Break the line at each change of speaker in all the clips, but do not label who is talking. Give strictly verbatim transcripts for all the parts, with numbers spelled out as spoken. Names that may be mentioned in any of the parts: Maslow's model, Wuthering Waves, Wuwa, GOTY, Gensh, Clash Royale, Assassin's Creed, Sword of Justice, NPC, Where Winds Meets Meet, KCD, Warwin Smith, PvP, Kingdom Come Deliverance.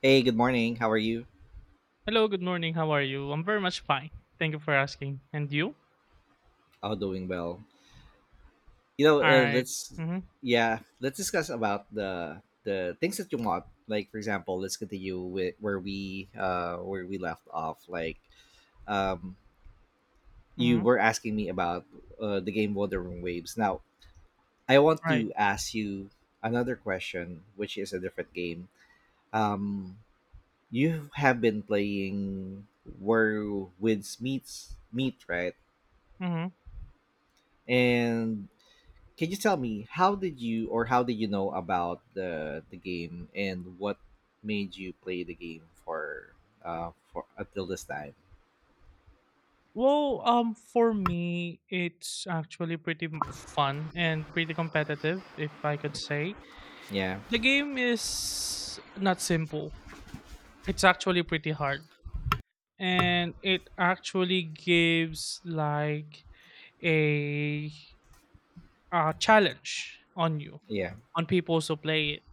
Hey, good morning. How are you?
Hello, good morning. How are you? I'm very much fine. Thank you for asking. And you?
Oh, doing well. You know,
All
uh,
right.
let's
Mm-hmm.
yeah, let's discuss about the the things that you want. Like for example, let's continue with where we uh where we left off. Like um you
Mm-hmm.
were asking me about uh, the game Wuthering Waves. Now, I want
Right.
to ask you another question, which is a different game. Um you have been playing Where Winds Meets Meet, right?
Mm-hmm.
And can you tell me how did you or how did you know about the the game and what made you play the game for uh for until this time?
Well, um, for me, it's actually pretty m- fun and pretty competitive, if I could say.
Yeah,
The game is not simple. It's actually pretty hard, and it actually gives like a, a challenge on you,
yeah.
on people who play it.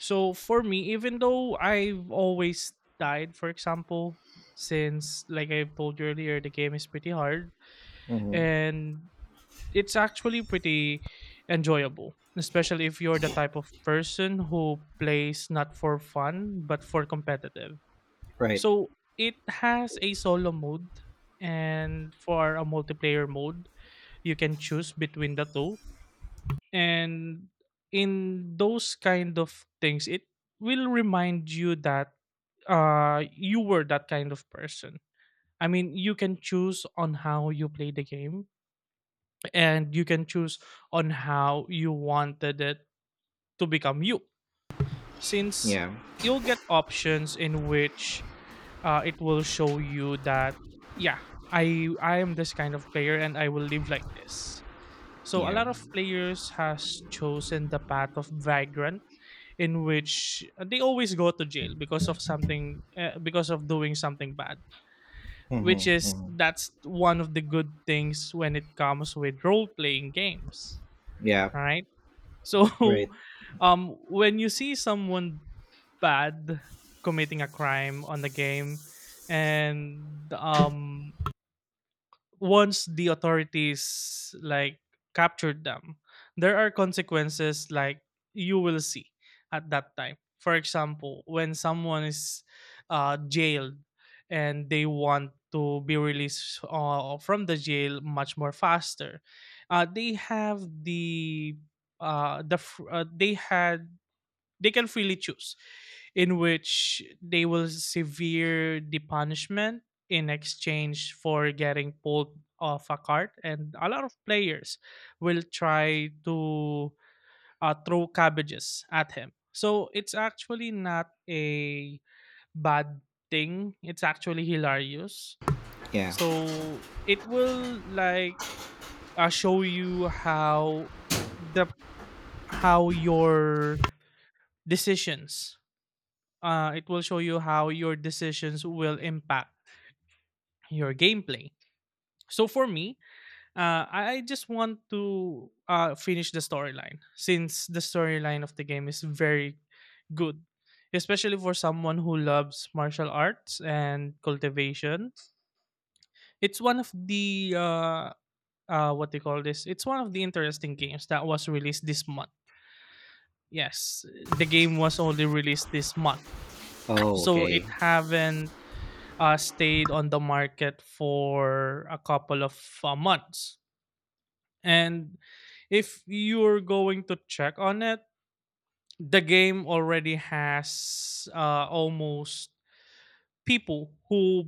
So for me, even though I've always died, for example, since like I told you earlier, the game is pretty hard
Mm-hmm.
and it's actually pretty enjoyable, especially if you're the type of person who plays not for fun but for competitive.
Right.
So it has a solo mode, and for a multiplayer mode, you can choose between the two. And in those kind of things, it will remind you that uh you were that kind of person. I mean, you can choose on how you play the game, and you can choose on how you wanted it to become you, since
Yeah,
you'll get options in which uh, it will show you that yeah, i i am this kind of player and I will live like this. So a
yeah.
lot of players has chosen the path of vagrant, in which uh, they always go to jail because of something uh, because of doing something bad,
Mm-hmm.
which is
Hmm.
that's one of the good things when it comes with role playing games.
Yeah.
All right, so
Right.
um when you see someone bad committing a crime on the game, and um once the authorities like captured them, there are consequences like you will see at that time. For example, when someone is uh, jailed and they want to be released uh, from the jail much more faster, uh, they have the uh, the fr- uh, they had, they can freely choose in which they will severe the punishment in exchange for getting pulled off a cart, and a lot of players will try to uh, throw cabbages at him. So it's actually not a bad thing, it's actually hilarious.
Yeah.
So it will like uh, show you how the how your decisions uh, it will show you how your decisions will impact your gameplay. So for me, uh, I I just want to uh, finish the storyline, since the storyline of the game is very good, especially for someone who loves martial arts and cultivation. It's one of the uh, uh, what they call this. It's one of the interesting games that was released this month. Yes, the game was only released this month,
Oh,
so it
okay.
haven't uh, stayed on the market for a couple of uh, months. And if you're going to check on it, the game already has uh, almost people who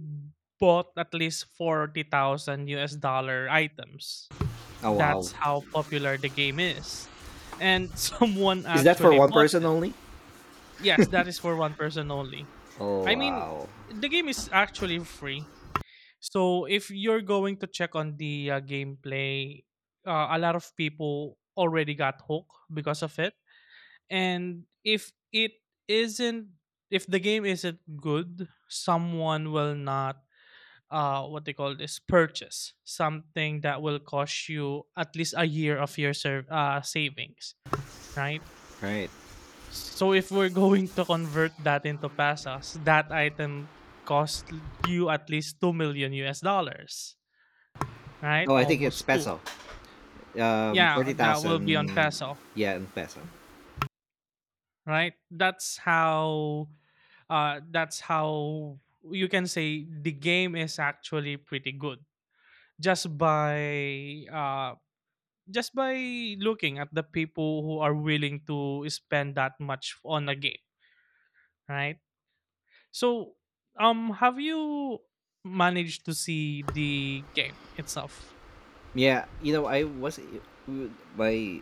bought at least forty thousand U S dollar items.
Oh, wow.
That's how popular the game is. And someone
Is that for
actually
one
bought
person
it.
only?
Yes, that is for one person only.
Oh,
I mean,
wow.
the game is actually free. So if you're going to check on the uh, gameplay, uh, a lot of people already got hooked because of it. And if it isn't, if the game isn't good, someone will not, uh, what they call this, purchase something that will cost you at least a year of your serv- uh, savings, right?
Right.
So if we're going to convert that into pesos, that item cost you at least two million U S dollars, right?
Oh, I think it's
Almost two.
peso. Um,
Yeah,
forty
that will be on
thousand.
peso,
Yeah, in peso.
right? That's how uh that's how you can say the game is actually pretty good, just by uh just by looking at the people who are willing to spend that much on a game, right? So, um have you managed to see the game itself?
Yeah, you know, I was my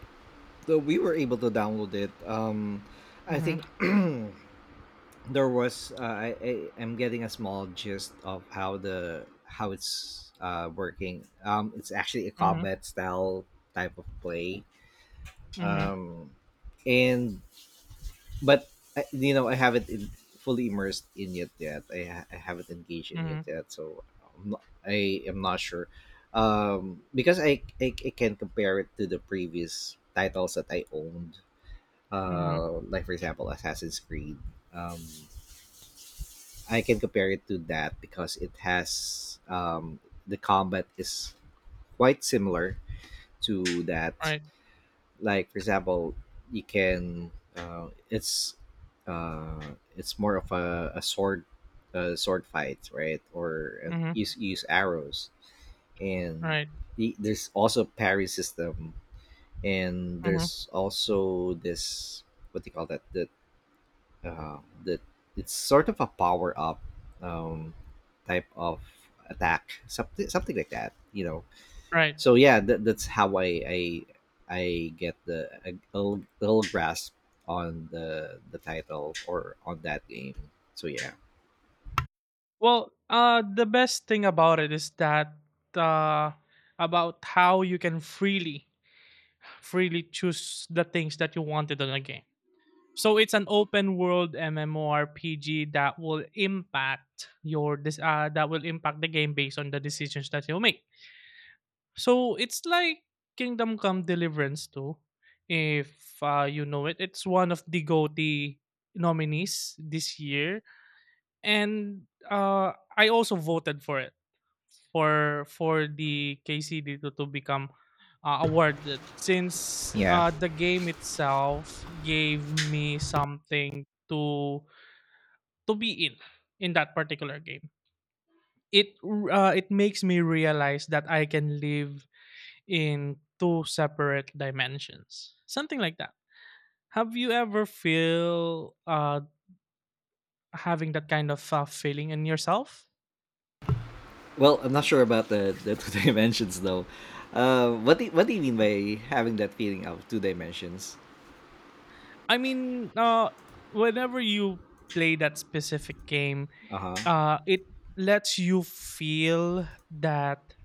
so we were able to download it. Um, I
Mhm.
think there was. Uh, I, I am getting a small gist of how the how it's uh, working. Um, it's actually a
Mhm.
combat style type of play.
Mhm.
Um, and but I, you know I haven't in, fully immersed in it yet. I, ha- I haven't engaged in it
Mhm.
yet, so I'm not, I am not sure. Um, because I, I I can compare it to the previous titles that I owned,
Mhm.
uh, like for example Assassin's Creed. Um, I can compare it to that because it has um, the combat is quite similar to that.
Right.
Like for example, you can uh, it's uh, it's more of a, a sword a sword fight, right? Or uh,
Mhm.
use use arrows, and
Right.
the, there's also parry system, and
Mhm.
there's also this, what do you call that, the uh, that it's sort of a power up, um, type of attack, something something like that. You know,
Right.
so yeah, that, that's how I I, I get the a, little, little grasp on the the title or on that game. So yeah.
Well, uh, the best thing about it is that uh, about how you can freely, freely choose the things that you wanted on a game. So it's an open world MMORPG that will impact your this uh, that will impact the game based on the decisions that you make. So it's like Kingdom Come Deliverance too, if uh, you know it. It's one of the G O T Y nominees this year, and uh, I also voted for it for for the K C D to, to become uh, awarded, since
Yeah.
uh, the game itself gave me something to to be in in that particular game. It r- uh, it makes me realize that I can live in two separate dimensions, something like that. Have you ever feel uh, having that kind of uh, feeling in yourself?
Well, I'm not sure about the the two dimensions though. Uh, what do, what do you mean by having that feeling of two dimensions?
I mean, uh, whenever you play that specific game,
Uh huh.
uh it lets you feel that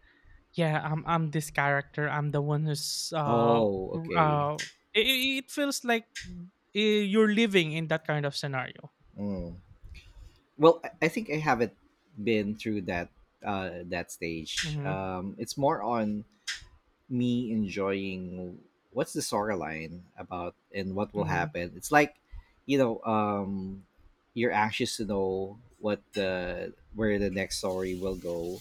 yeah, i'm i'm this character, I'm the one who's uh r-
Oh, okay.
uh it, it feels like uh, you're living in that kind of scenario.
Mm. Well, I I think I haven't been through that uh, that stage.
Mm-hmm.
Um, it's more on me enjoying what's the storyline about and what will
Mm-hmm.
happen. It's like, you know, um, you're anxious to know what the where the next story will go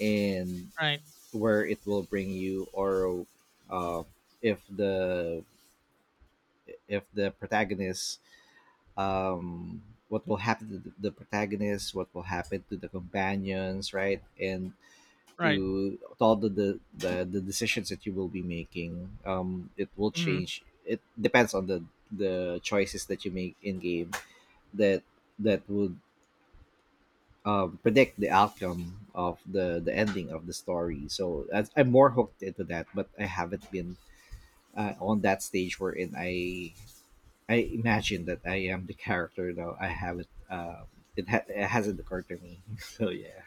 and
Right.
where it will bring you, or uh, if the if the protagonist, um, what will happen to the the protagonist, what will happen to the companions, right, and
Right.
to, to all the, the the the decisions that you will be making. Um, it will
Mm-hmm.
change. It depends on the the choices that you make in game that that would, um, predict the outcome of the the ending of the story. So that's, I'm more hooked into that, but I haven't been, uh, on that stage wherein I I imagine that I am the character though. I haven't. Um, it ha- it hasn't occurred to me. So yeah.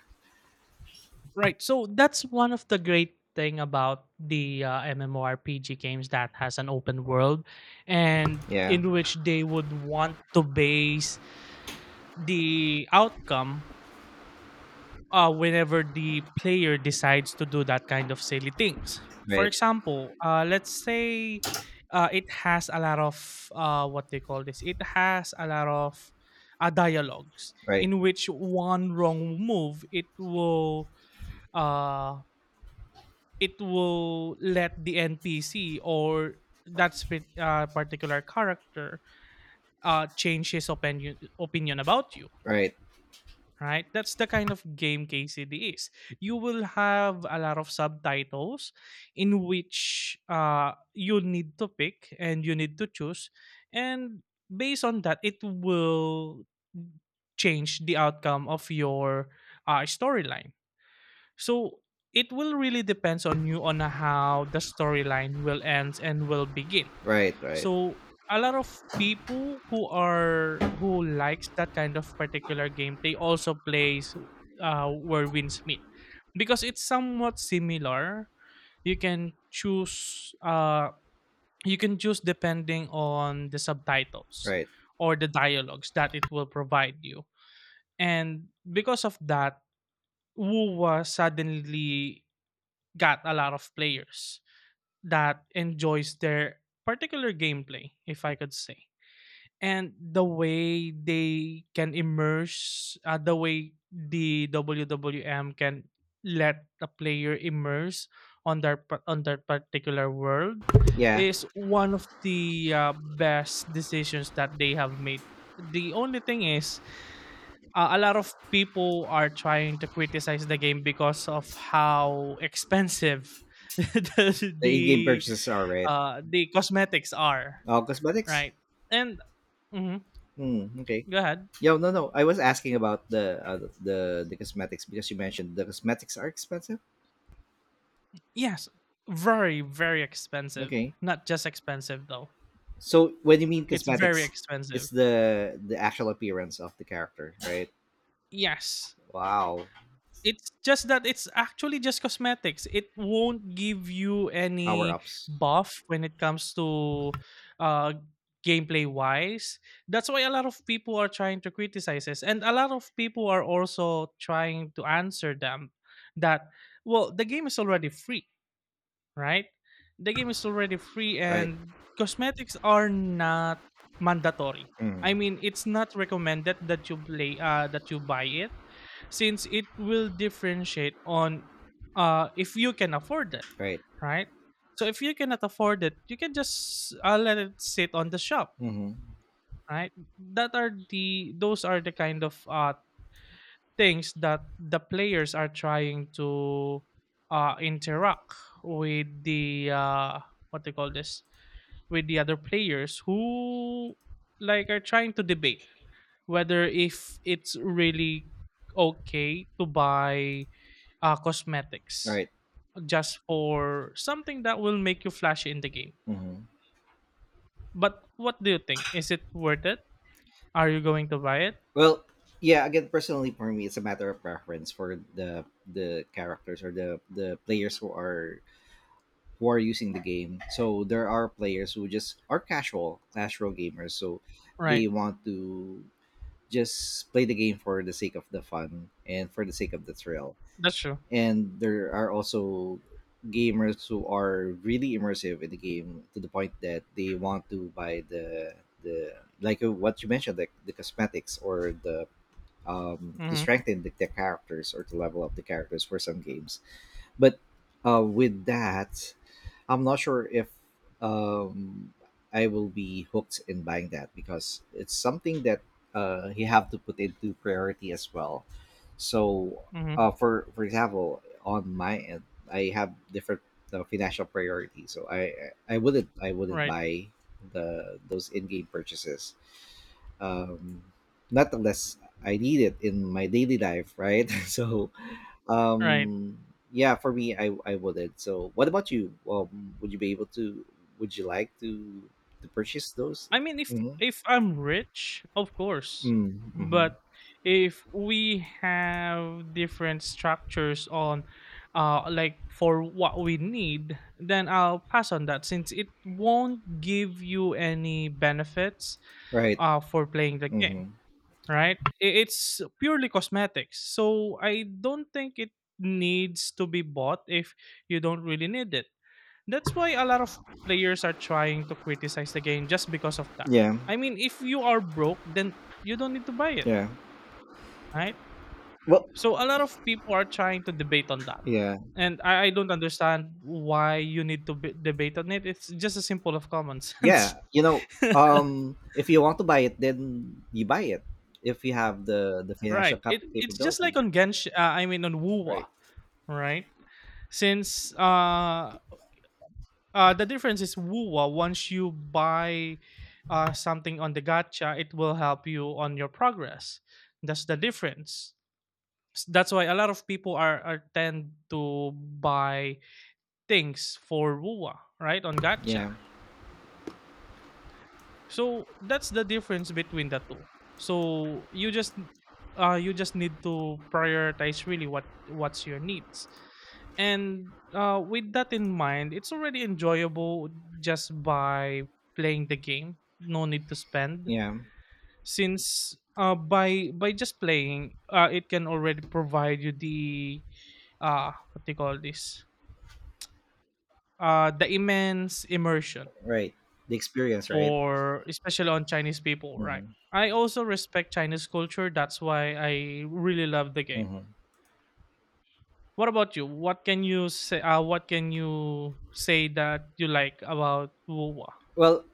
Right, so that's one of the great thing about the uh, MMORPG games that has an open world, and
Yeah.
in which they would want to base the outcome uh, whenever the player decides to do that kind of silly things. For
Right.
example, uh, let's say uh, it has a lot of uh, what they call this. It has a lot of uh, dialogues
Right.
in which one wrong move it will uh, it will let the N P C or that spe- uh, particular character uh, change his opinion opinion about you,
Right.
right? That's the kind of game K C D is. You will have a lot of subtitles in which uh, you need to pick and you need to choose. And based on that, it will change the outcome of your uh, storyline. So it will really depends on you on how the storyline will end and will begin.
Right. Right.
So a lot of people who are who likes that kind of particular gameplay also plays uh, Where Winds Meet, because it's somewhat similar. You can choose uh, you can choose depending on the subtitles
Right.
or the dialogues that it will provide you. And because of that, Wuwa suddenly got a lot of players that enjoys their particular gameplay, if I could say. And the way they can immerse uh, the way the W W M can let the player immerse on their pa- on their particular world
Yeah.
is one of the uh, best decisions that they have made. The only thing is uh, a lot of people are trying to criticize the game because of how expensive the
The in-game
the,
purchases are right.
uh, the cosmetics are,
Oh, cosmetics.
right? And mhm,
Hmm. Okay.
go ahead.
Yo, no, no. I was asking about the uh, the the cosmetics because you mentioned the cosmetics are expensive.
Yes, very, very expensive.
Okay.
Not just expensive though.
So when you mean
It's very
cosmetics,
expensive.
it's the the actual appearance of the character, right?
Yes.
Wow.
It's just that it's actually just cosmetics. It won't give you
Power
any
ups.
buff when it comes to uh gameplay wise. That's why a lot of people are trying to criticize this, and a lot of people are also trying to answer them that well, the game is already free. Right? The game is already free
Right.
and cosmetics are not mandatory.
Mm.
I mean, it's not recommended that you play uh that you buy it, since it will differentiate on uh if you can afford it,
Right.
right? So if you cannot afford it, you can just uh, let it sit on the shop,
Mm-hmm.
right? That are the Those are the kind of uh things that the players are trying to uh, interact with the uh, what they call this, with the other players who like are trying to debate whether if it's really okay to buy uh, cosmetics
Right.
just for something that will make you flashy in the game.
Mm-hmm.
But what do you think? Is it worth it? Are you going to buy it?
Well, yeah. Again, personally, for me, it's a matter of preference for the the characters or the the players who are who are using the game. So there are players who just are casual Clash Royale gamers, so
Right.
they want to just play the game for the sake of the fun and for the sake of the thrill.
That's true.
And there are also gamers who are really immersive in the game to the point that they want to buy the the like, uh, what you mentioned, like the cosmetics or the, um to
Mm-hmm.
strengthen the, the characters or to level up the characters for some games. But uh with that, I'm not sure if, um, I will be hooked in buying that because it's something that, uh, you have to put into priority as well. So, uh,
Mm-hmm.
for for example, on my end, I have different, uh, financial priorities. So I I wouldn't I wouldn't
Right.
buy the those in game purchases. Um, Not unless I need it in my daily life, right? So,
Right.
um, yeah, for me, I I wouldn't. So, what about you? Um, would you be able to? Would you like to to purchase those?
I mean, if
Mm-hmm.
if I'm rich, of course.
Mm-hmm.
But if we have different structures on, uh, like for what we need, then I'll pass on that since it won't give you any benefits,
Right.
uh, for playing the game,
Mm-hmm.
right? I- It's purely cosmetics, so I don't think it needs to be bought if you don't really need it. That's why a lot of players are trying to criticize the game just because of that.
Yeah.
I mean, if you are broke, then you don't need to buy it,
Yeah.
right?
Well.
So a lot of people are trying to debate on that.
Yeah.
And I, I don't understand why you need to b- debate on it. It's just a simple of common sense.
Yeah. You know, um, if you want to buy it, then you buy it. If you have the the financial
Right. It
cap-
it's just like
capability,
on Gensh. Uh, I mean on Wuwa,
right?
right? Since uh Uh, the difference is WUWA. Once you buy uh, something on the gacha, it will help you on your progress. That's the difference. S- That's why a lot of people are, are tend to buy things for WUWA, right? On gacha.
Yeah.
So that's the difference between the two. So you just uh you just need to prioritize really what what's your needs. And uh with that in mind, it's already enjoyable just by playing the game. No need to spend,
Yeah.
since uh by by just playing uh it can already provide you the uh what they call this? Uh the immense immersion
Right. The experience, right?
for especially on Chinese people, right?
Mm-hmm.
I also respect Chinese culture. That's why I really love the game.
Mm-hmm.
What about you? What can you say? Uh, what can you say that you like about WoWA?
Well,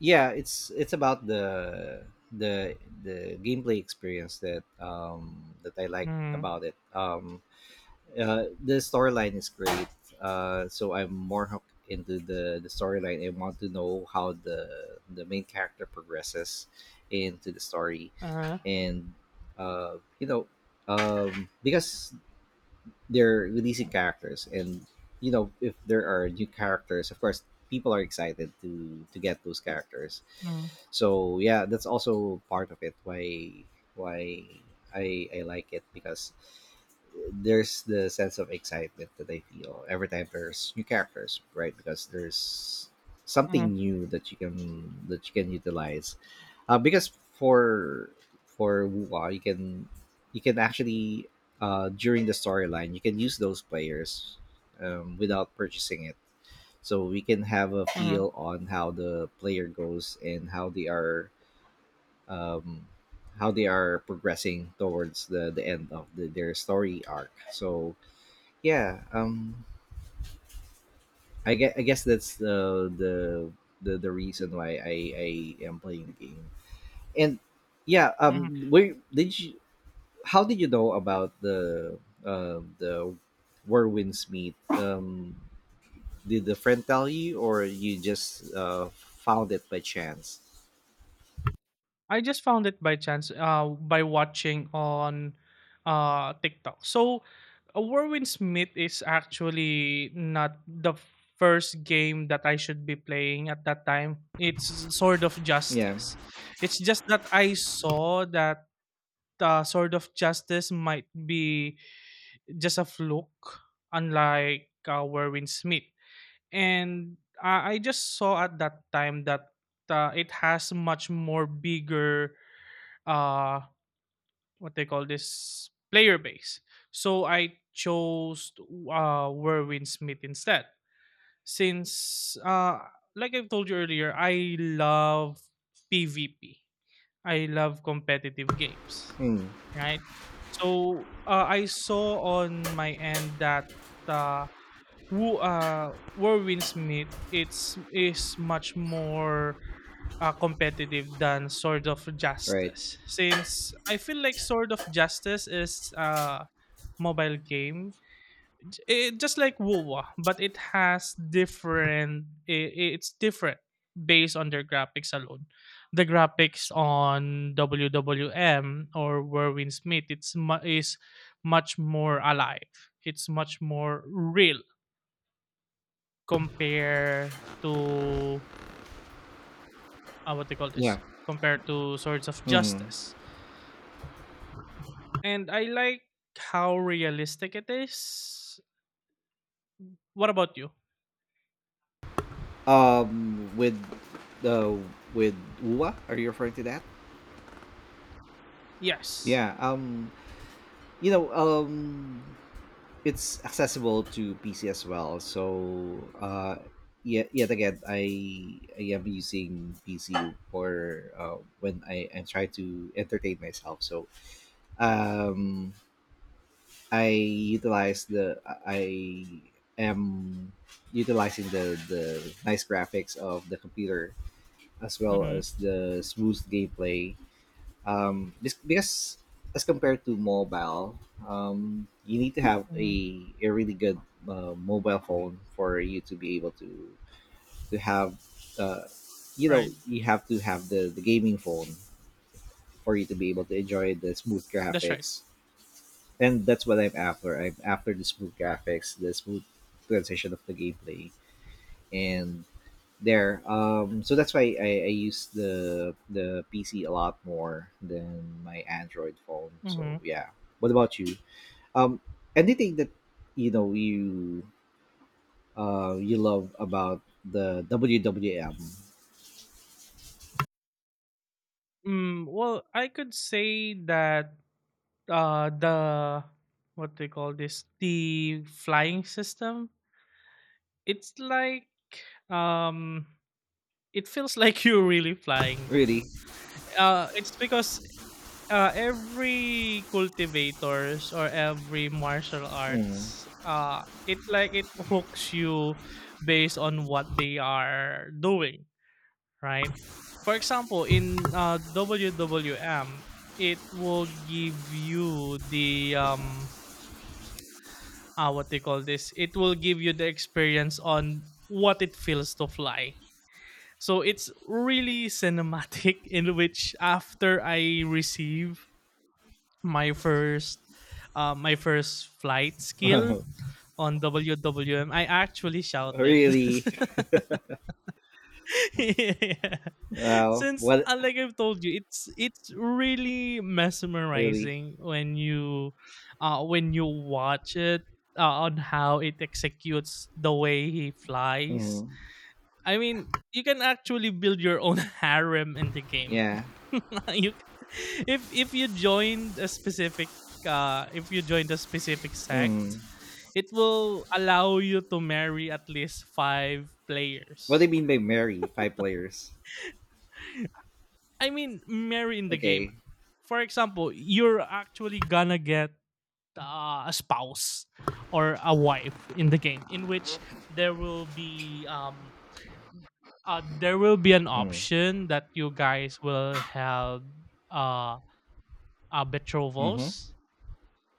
yeah, it's it's about the the the gameplay experience that, um that I like
Mm-hmm.
about it um uh, The storyline is great. Uh so I'm more hooked into the the storyline and want to know how the the main character progresses into the story.
Uh-huh.
And uh you know um because they're releasing characters, and you know if there are new characters, of course people are excited to to get those characters.
Mm-hmm.
So yeah, that's also part of it, why why i i like it, because there's the sense of excitement that I feel every time there's new characters, right? Because there's something
Mm-hmm.
new that you can that you can utilize, uh, because for for Wuwa, you can you can actually, uh, during the storyline, you can use those players, um, without purchasing it, so we can have a
Mm-hmm.
feel on how the player goes and how they are um, how they are progressing towards the, the end of the, their story arc. So yeah, um, I guess, I guess that's the the the, the reason why I, I am playing the game. And yeah,
Mm-hmm.
um, where did you how did you know about the um the Whirlwinds Meet? Um, did a friend tell you, or you just uh, found it by chance?
I just found it by chance uh, by watching on uh, TikTok. So, uh, Warwin Smith is actually not the first game that I should be playing at that time. It's Sword of
Yeah.
Justice. It's just that I saw that uh, Sword of Justice might be just a fluke, unlike uh, Warwin Smith. And I I just saw at that time that uh, it has much more bigger uh what they call this player base. So I chose uh Werwin Smith instead. Since uh like I've told you earlier, I love PvP. I love competitive games,
Mm.
right? So uh, I saw on my end that uh, Wo uh, where Windsmith it's is much more uh, competitive than Sword of
Right.
Justice, since I feel like Sword of Justice is a mobile game, J- it, just like WoW, but it has different. It it's different based on their graphics alone. The graphics on W W M or Warwin Smith it's mu- is much more alive. It's much more real compare to uh, what they call
Yeah.
this compared to Swords of
Mm.
Justice. And I like how realistic it is. What about you?
Um, with the with Uwa, are you referring to that?
Yes.
Yeah. Um, you know, um, it's accessible to P C as well. So, uh, yet yet again, I I am using P C for, uh, when I, I try to entertain myself. So, um, I utilize the I am utilizing the the nice graphics of the computer as well
Hmm.
as the smooth gameplay, um, this because as compared to mobile, um, you need to have
Hmm.
a, a really good, uh, mobile phone for you to be able to to have, uh, you know,
Right.
you have to have the, the gaming phone for you to be able to enjoy the smooth
That's right.
graphics, and that's what I'm after. I'm after the smooth graphics, the smooth transition of the gameplay, and there. Um, so that's why I, I use the the P C a lot more than my Android phone. So
Hmm.
yeah. What about you? Um, Anything that you know you uh you love about the W W M?
Mm, well, I could say that uh, the what they call this the flying system. It's like um, it feels like you're really flying too.
Really?
Uh, it's because uh, every cultivators or every martial
Mm.
arts, uh, it like it hooks you based on what they are doing, right? For example, in uh, W W M, it will give you the um, uh, what they call this. It will give you the experience on what it feels to fly. So it's really cinematic in which after I receive my first uh, my first flight skill on W W M, I actually shouted.
Really?
Yeah.
Well,
Since
what?
uh, like I've told you, it's it's really
Really?
mesmerizing when you uh when you watch it uh, on how it executes the way he flies.
Mm.
I mean, you can actually build your own harem in the game.
Yeah.
you, if if you joined a specific uh if you joined a specific
Mm.
sect, it will allow you to marry at least five
What do
players.
you mean by marry five players?
I mean, marry in the game.
Okay.
For example, you're actually gonna get uh, a spouse or a wife in the game, in which there will be um uh, there will be an
Mm.
option that you guys will have uh, uh
Mm-hmm.
betrothals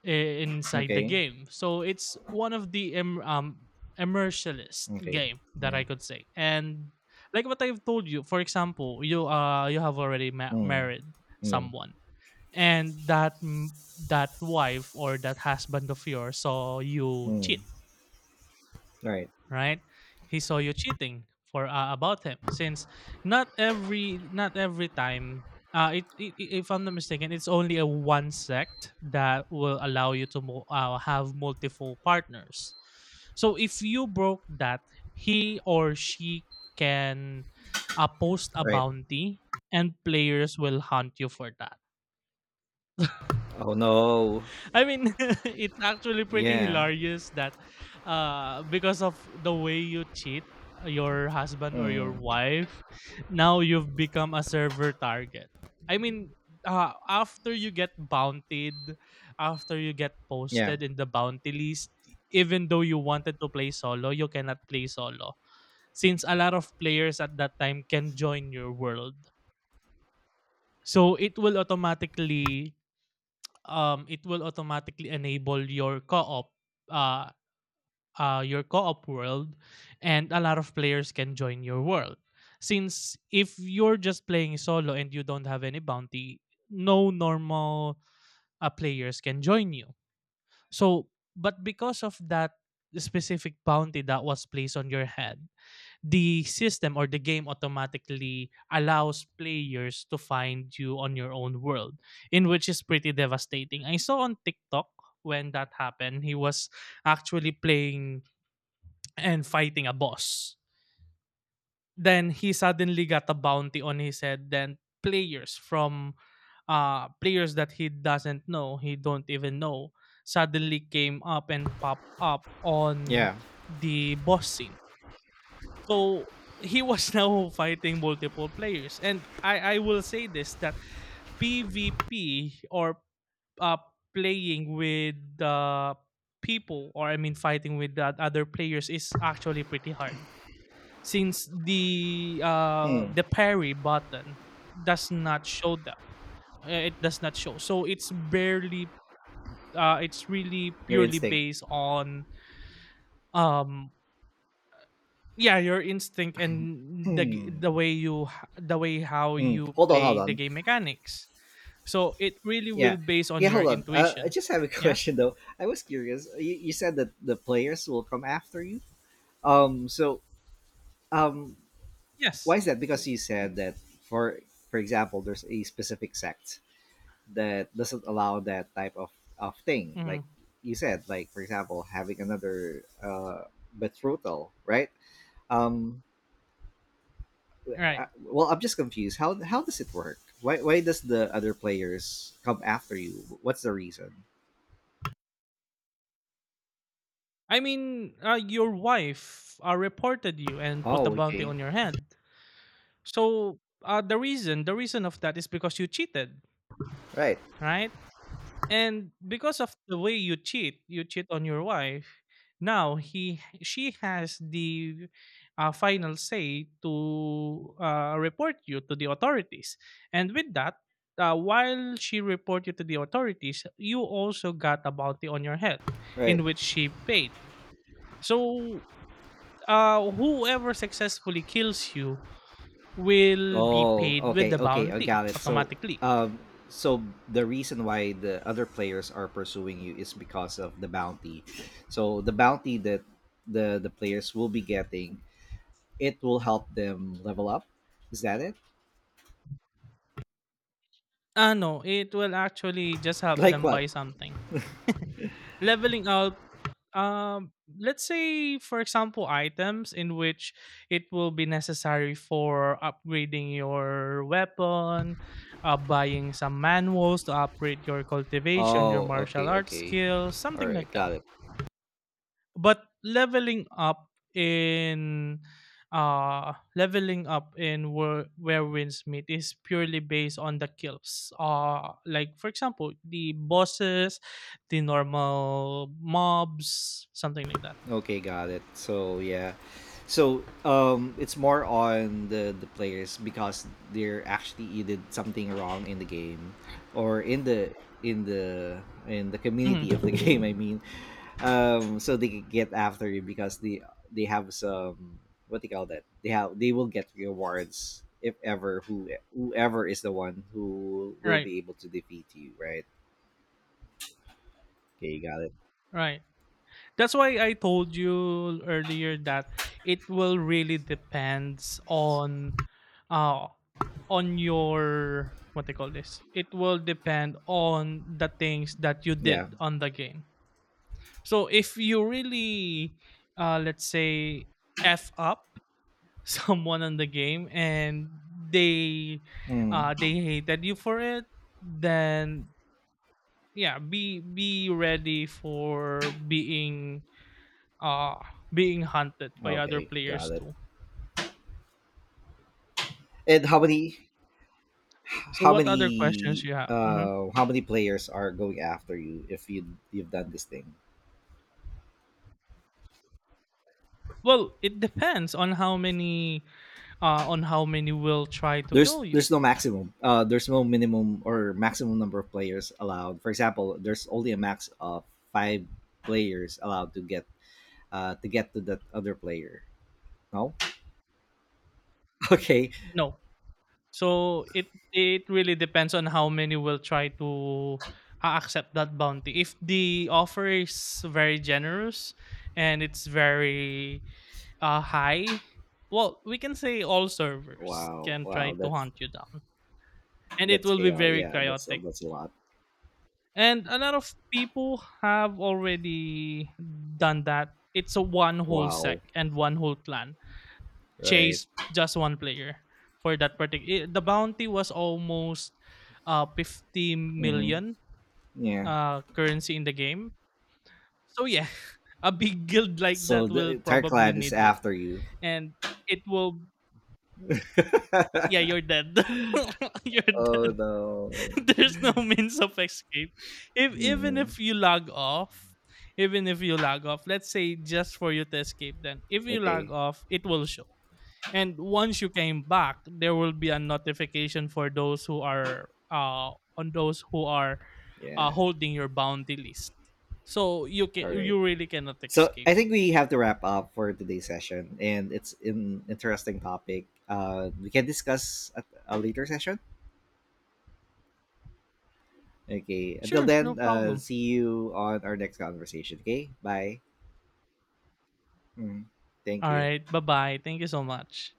i- inside the
Okay.
game. So it's one of the im- um immersionist
Okay.
game that
Yeah.
I could say. And like what I've told you, for example, you uh you have already ma-
Mm.
married
Yeah.
someone, and that m- that wife or that husband of yours saw you cheat,
Mm. Right,
right? He saw you cheating for uh, about him since not every not every time uh it, it, i- if I'm not mistaken it's only a one sect that will allow you to mo- uh, have multiple partners. So if you broke that, he or she can uh, post a
right.
bounty and players will hunt you for that.
Oh no.
I mean, it's actually pretty
Yeah.
hilarious that uh, because of the way you cheat uh, your husband or your
Mm.
wife, now you've become a server target. I mean, uh, after you get bounted, after you get
Yeah.
posted in the bounty list, even though you wanted to play solo, you cannot play solo since a lot of players at that time can join your world. So it will automatically um, it will automatically enable your co-op, uh, uh, your co-op world, and a lot of players can join your world. Since if you're just playing solo and you don't have any bounty, no normal uh, players can join you. So, but because of that specific bounty that was placed on your head, the system or the game automatically allows players to find you on your own world, in which is pretty devastating. I saw on TikTok when that happened, he was actually playing and fighting a boss. Then he suddenly got a bounty on his head. Then players from uh players that he doesn't know, he don't even know, suddenly came up and pop up on
Yeah.
the boss scene, so he was now fighting multiple players, and I I will say this that PvP or uh, playing with uh, people or I mean fighting with that other players is actually pretty hard since the uh,
Mm.
the parry button does not show that. Uh, it does not show, so it's barely uh, it's really
Your
purely
instinct.
based on um yeah, your instinct and the g- the
Hmm.
way you h- the way how
Mm.
you
Hold on, hold
play the
on.
game mechanics, so it really will
Yeah.
base on
Yeah,
your
hold on. Uh, I
intuition.
just have a
Yeah,
question though. I was curious. You, you said that the players will come after you. Um so um why
yes.
is that? Because you said that, for for example, there's a specific sect that doesn't allow that type of, of thing. Like
Mhm.
you said, like for example, having another, uh betrothal, right? Um
Right.
uh, well, I'm just confused. How how does it work? Why why does the other players come after you? What's the reason?
I mean uh, your wife uh, reported you and put a
Oh,
bounty
okay.
on your head, so uh, the reason the reason of that is because you cheated,
Right.
right? And because of the way you cheat, you cheat on your wife. Now he she has the uh, final say to uh, report you to the authorities. And with that, uh, while she report you to the authorities, you also got a bounty on your head,
Right.
in which she paid. So uh, whoever successfully kills you will be
Oh,
paid with
okay.
the
Okay, I
bounty
got it. So,
automatically.
um so the reason why the other players are pursuing you is because of the bounty. So, the bounty that the the players will be getting, it will help them level up. Is that it?
Ah, no, it will actually just help
Like
them
what?
buy something. Leveling up, um, let's say, for example, items in which it will be necessary for upgrading your weapon, uh, buying some manuals to upgrade your cultivation, your
Oh,
martial
okay,
arts
okay.
skills,
All
something
right,
like that.
got it.
But leveling up in uh leveling up in where where wins meet is purely based on the kills, uh like for example the bosses, the normal mobs, something like that.
Okay, got it. So yeah, so, um, it's more on the the players because they're actually, you did something wrong in the game, or in the in the in the
Mhm.
community of the game. I mean, um, so they could get after you because they they have some, what do you call that? They have they will get rewards if ever who whoever is the one who will
Right,
be able to defeat you, right? Okay, got it.
right. That's why I told you earlier that it will really depends on uh on your what they call this. It will depend on the things that you
Yeah.
did on the game. So if you really uh let's say F up someone on the game and they
Mm.
uh they hated you for it, then yeah, be be ready for being, Ah, being hunted by other
Okay,
players
got it.
too.
And how many?
So
how
what other questions
many
you have? Mhm.
uh how many players are going after you if you you've done this thing?
Well, it depends on how many uh on how many will try to
there's
kill you.
there's no maximum, uh there's no minimum or maximum number of players allowed? For example, there's only a max of five players allowed to get uh to get to that other player? No. Okay.
No. So it it really depends on how many will try to uh, accept that bounty. If the offer is very generous and it's very uh high, well, we can say all servers
wow
can try
wow
to
that's
hunt you down. And it
that's
will be
chaos.
very
Yeah, that's a,
chaotic.
that's a lot.
And a lot of people have already done that. It's a one whole sec
Wow.
and one whole clan
Right.
chase just one player for that particular. The bounty was almost uh fifty
Mm-hmm.
million
Yeah,
uh currency in the game. So yeah, a big guild like
so
that
the
will
entire
probably
clan is
need it,
after you.
and it will. Yeah, you're dead. You're
Oh
dead.
no.
There's no means of escape. If even
Hmm.
if you log off, even if you log off, let's say just for you to escape, then if you log
Okay.
off, it will show. And once you came back, there will be a notification for those who are uh on those who are uh
Yeah.
holding your bounty list. So you can
All right.
you really cannot
So
escape.
I think we have to wrap up for today's session, and it's an interesting topic. Uh, we can discuss at a later session. Okay. Until
Sure, no
then, uh,
problem.
see you on our next conversation. Okay. Bye. Mm. Thank
All
you.
right, bye bye. Thank you so much.